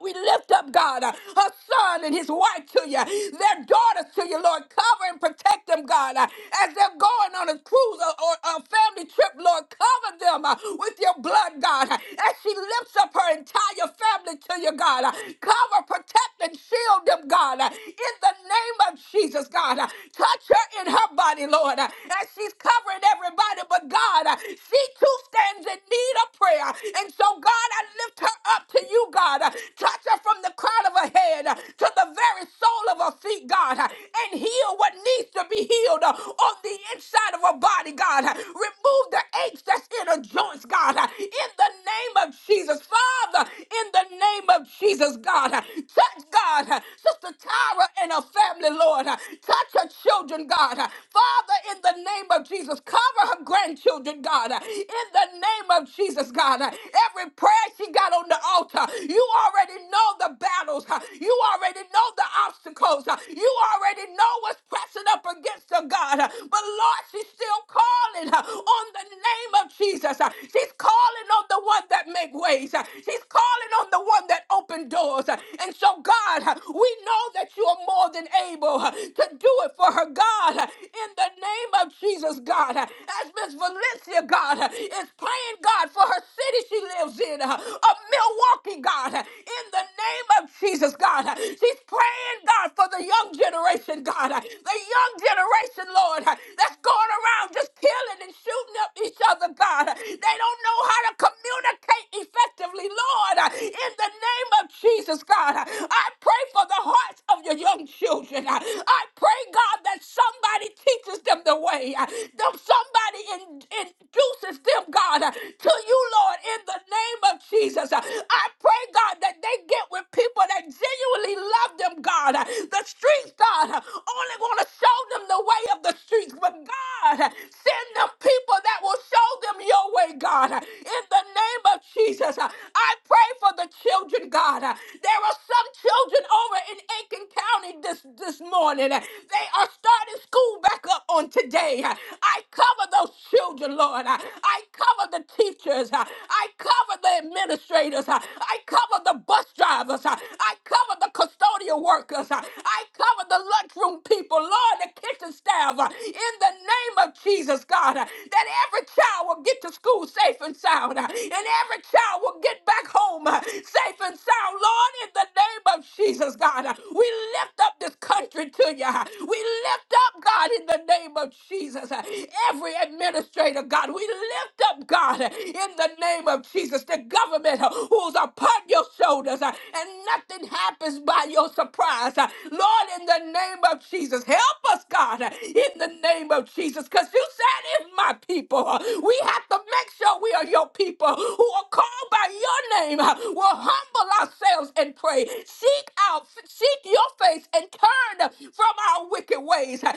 B: We lift up, God, uh, her son and his wife to you, their daughters to you, Lord. Cover and protect them, God, uh, as they're going on a cruise or, or a family trip, Lord. Cover them uh, with your blood, God, uh, as she lifts up her entire family to you, God. uh, Cover, protect, and shield them, God, uh, in the name of Jesus, God. uh, Touch her in her body, Lord, uh, as she's covering everybody, but God, uh, she too stands in need of prayer. And so, God, I lift her up to you, God. Uh, Touch her from the crown of her head uh, to the very sole of her feet, God, uh, and heal what needs to be healed uh, on the inside of her body, God. Uh, Remove the aches that's in her joints, God, uh, in the name of Jesus. Father, in the name of Jesus, God, uh, touch God, uh, Sister Tyra and her family, Lord. Uh, Touch her children, God. Uh, Father, in the name of Jesus, cover her grandchildren, God. Uh, In the name of Jesus, God, Uh, every prayer prayer she got on the altar. You already know the battles. huh? You already know the obstacles. huh? You already know what's pressing up against her, God. huh? But Lord, she's still calling huh, on the name of Jesus. huh? She's calling on the one that make ways. huh? She's calling on the one that open doors. huh? And so, God, huh, we know that you are more than able huh, to do it for her, God. huh, In the name of Jesus, God. huh? As Miss Valencia, God, huh, is praying, God, for her city she lives in, uh, of Milwaukee, God, uh, in the name of Jesus, God. uh, She's praying, God, for the young generation, God, uh, the young generation, Lord, uh, that's going around just killing and shooting up each other, God. uh, They don't know how to communicate effectively, Lord, uh, in the name of Jesus, God. uh, I pray for the hearts of your young children. uh, I pray, God, that somebody teaches them the way, uh, that somebody in- induces them, God. God, to you, Lord, in the name of Jesus. I pray, God, that they get with people that genuinely love them, God. The streets, God, only want to show them the way of the streets, but God, send them people that will show them your way, God. In the name of Jesus, I pray for the children, God. There are some children over in Aiken County this, this morning. They are starting school back up on today. I cover those children, Lord. Lord. I I cover the teachers. I I cover the administrators. I I cover the bus drivers. I I cover the custodial workers. I I cover the lunchroom people, Lord, the kitchen staff. uh, In the name of Jesus, God, uh, that every child will get to school safe and sound, uh, and every child will get back home uh, safe and sound, Lord, in the name of Jesus, God. uh, We lift up this country to you. uh, We lift up, God, in the name of Jesus. uh, every administrator, God. We lift up, God, in the name of Jesus, the government uh, who's upon your shoulders, uh, and nothing happens by your surprise. Uh, Lord, in the name of Jesus, help us, God, uh, in the name of Jesus, because you said, if my people, uh, we have to make sure we are your people who are called by your name, uh, will humble ourselves and pray, seek out, seek your face, and turn from our wicked ways. Then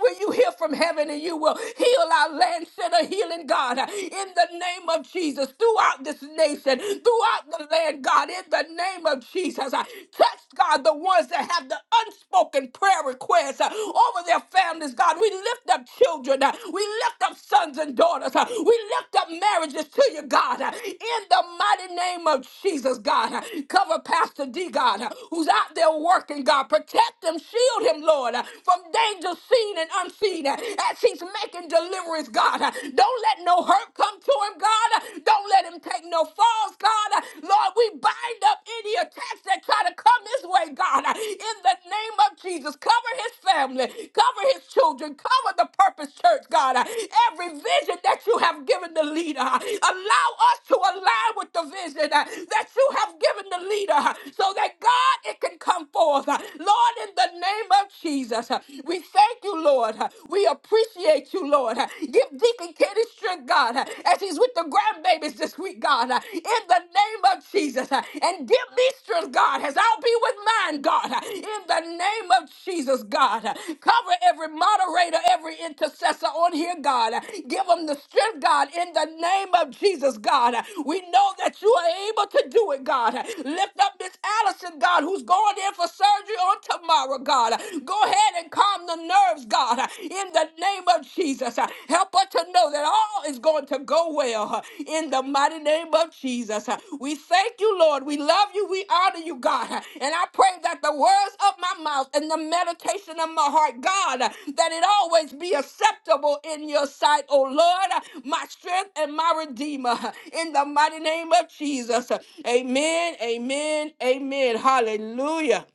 B: will you hear from from heaven and you will heal our land, send a healing, God, in the name of Jesus, throughout this nation, throughout the land, God, in the name of Jesus. Touch, God, the ones that have the unspoken prayer requests uh, over their families, God. We lift up children, uh, we lift up sons and daughters, uh, we lift up marriages to you, God, uh, in the mighty name of Jesus, God. Uh, Cover Pastor D, God, uh, who's out there working, God. Protect him, shield him, Lord, uh, from danger seen and unseen uh, as he's making deliverance, God. Uh, Don't let no hurt come to him, God. Uh, Don't let him take no falls, God. Uh, Lord, we bind up any attacks that try to come his way, God. Uh, In the name of Jesus, cover his family, cover his children, cover the purpose church, God. Uh, Every vision that you have given the leader, uh, allow us to align with the vision uh, that you have given the leader uh, so that God it that can come forth. Uh, Lord, in the name of Jesus, uh, we thank you, Lord. Uh, We appreciate you, Lord. Uh, Give Deacon Kenny strength, God, uh, as he's with the grandbabies this week, God, uh, in the name of Jesus. Uh, And give me strength, God, as I'll be with mine, God, uh, in the name of Jesus, God. Uh, Cover every moderator, every every intercessor on here, God. Give them the strength, God, in the name of Jesus, God. We know that you are able to do it, God. Lift up Miss Allison, God, who's going in for surgery on tomorrow, God. Go ahead and calm the nerves, God, in the name of Jesus. Help her to know that all is going to go well in the mighty in the name of Jesus. We thank you, Lord. We love you. We honor you, God. And I pray that the words of my mouth and the meditation of my heart, God, that it always be acceptable in your sight, O Lord, my strength and my redeemer. In the mighty name of Jesus. Amen, amen, amen. Hallelujah.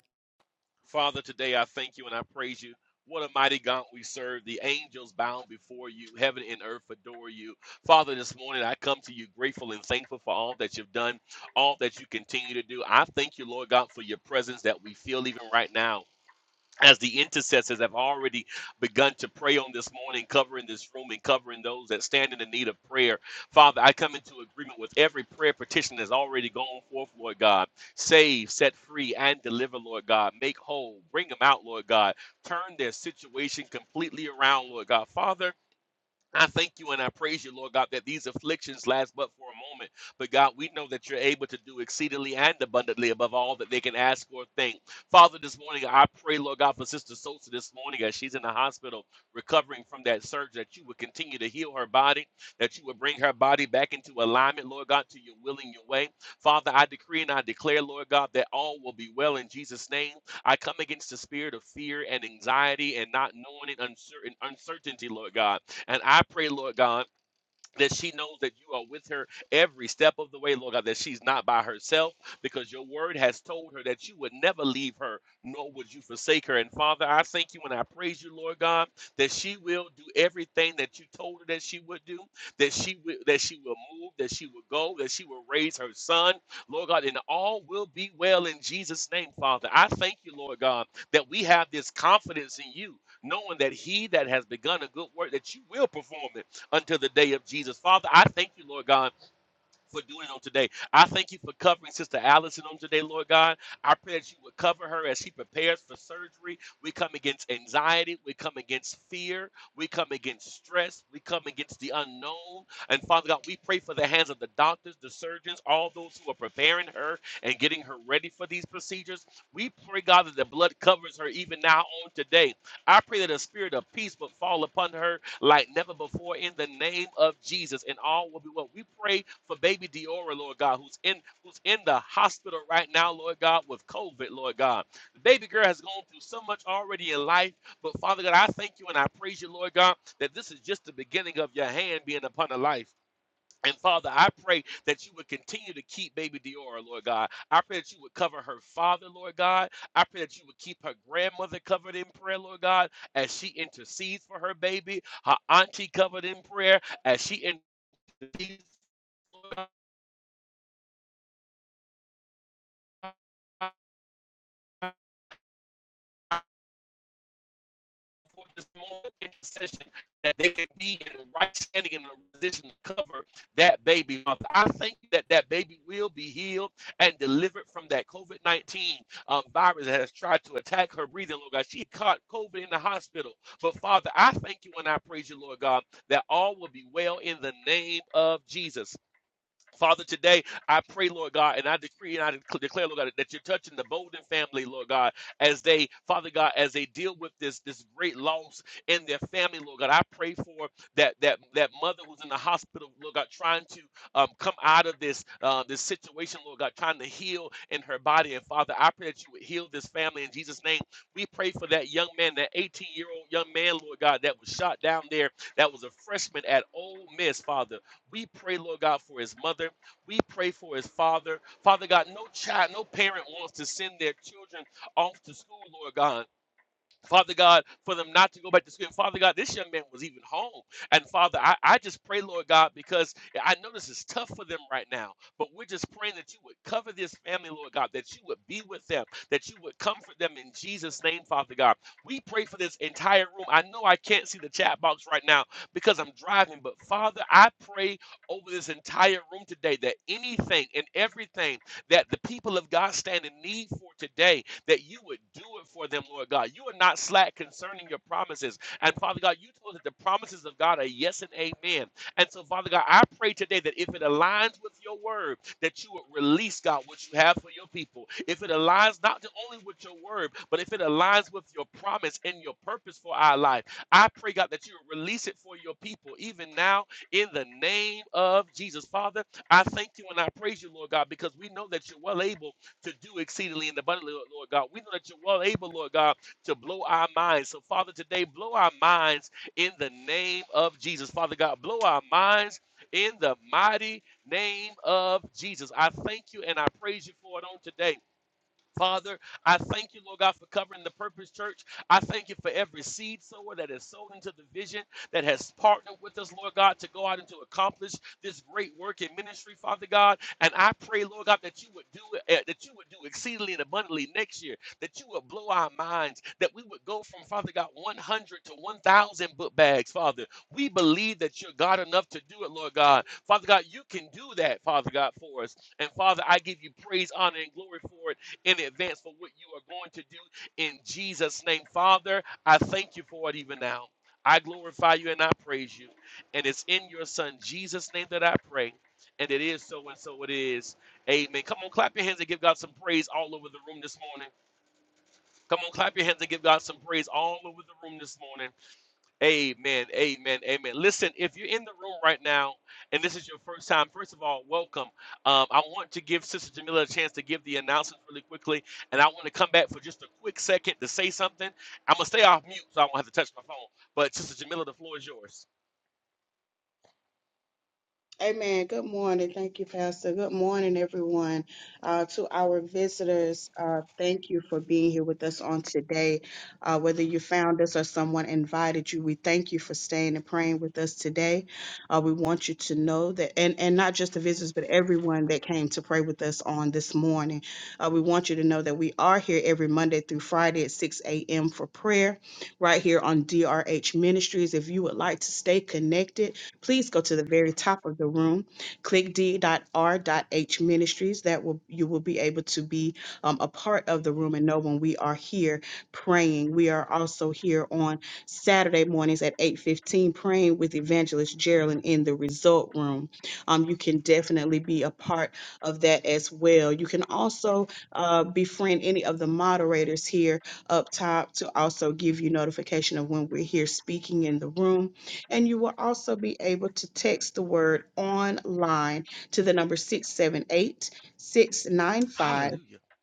F: Amen. Good morning. Thank you, Pastor. Good morning, everyone. Uh, to our visitors, uh, thank you for being here with us on today. Uh, whether you found us or someone invited you, we thank you for staying and praying with us today. Uh, we want you to know that, and, and not just the visitors, but everyone that came to pray with us on this morning. Uh, we want you to know that we are here every Monday through Friday at 6 a.m. for prayer right here on DRH Ministries. If you would like to stay connected, please go to the very top of the room, click d.r.h ministries. That will you will be able to be um, a part of the room and know when we are here praying. We are also here on Saturday mornings at 8:15 praying with Evangelist Geraldine in the result room. Um, you can definitely be a part of that as well. You can also uh, befriend any of the moderators here up top to also give you notification of when we're here speaking in the room and you will also be able to text the word online to the number 678 695.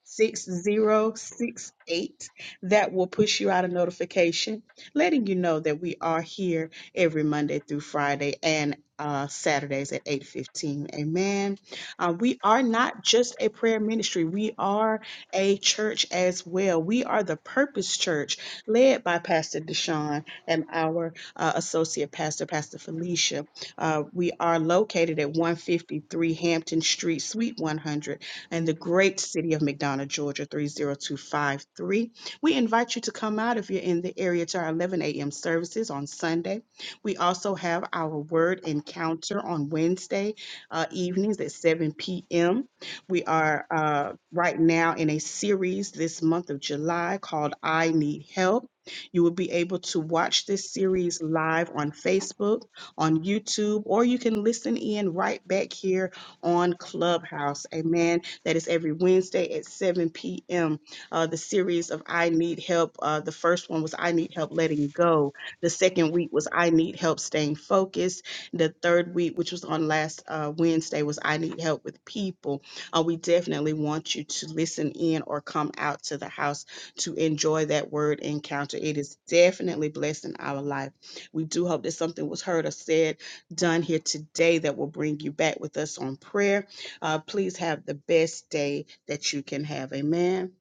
F: 6068 that will push you out a notification letting you know that we are here every Monday through Friday and uh, Saturdays at 8:15. Amen. Uh, we are not just a prayer ministry. We are a church as well. We are the Purpose Church led by Pastor Deshaun and our uh, associate pastor, Pastor Felicia. Uh, we are located at 153 Hampton Street, Suite 100 and the great city of McDonough, Georgia 30253. We invite you to come out if you're in the area to our 11 a.m. services on Sunday. We also have our word encounter on Wednesday uh, evenings at 7 p.m. We are uh, right now in a series this month of July called I Need Help. You will be able to watch this series live on Facebook, on YouTube, or you can listen in right back here on Clubhouse. Amen that is every Wednesday at 7 p.m. Uh, the series of I Need Help. Uh, the first one was I Need Help Letting Go. The second week was I Need Help Staying Focused. The third week, which was on last uh, Wednesday, was I Need Help with People. Uh, we definitely want you to listen in or come out to the house to enjoy that word encounter. It is definitely blessing our life. We do hope that something was heard or said, done here today that will bring you back with us on prayer uh, please have the best day that you can have. Amen.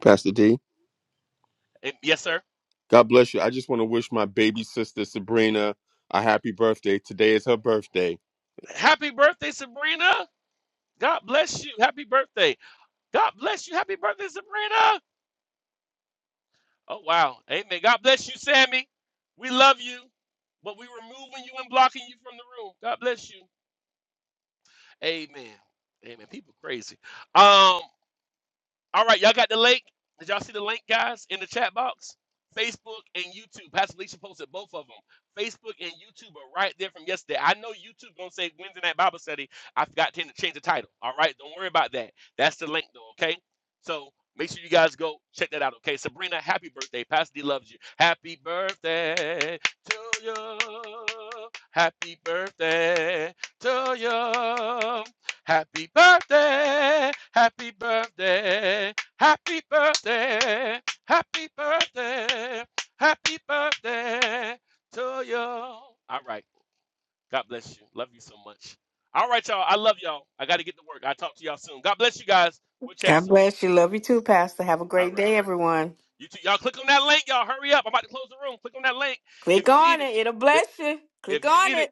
A: Pastor D. God bless you. I just want to wish my baby sister Sabrina a happy birthday. Today is her birthday.
B: God bless you. Love you too, Pastor. Have a great day, everyone. Click on it. It'll bless you. Click on it.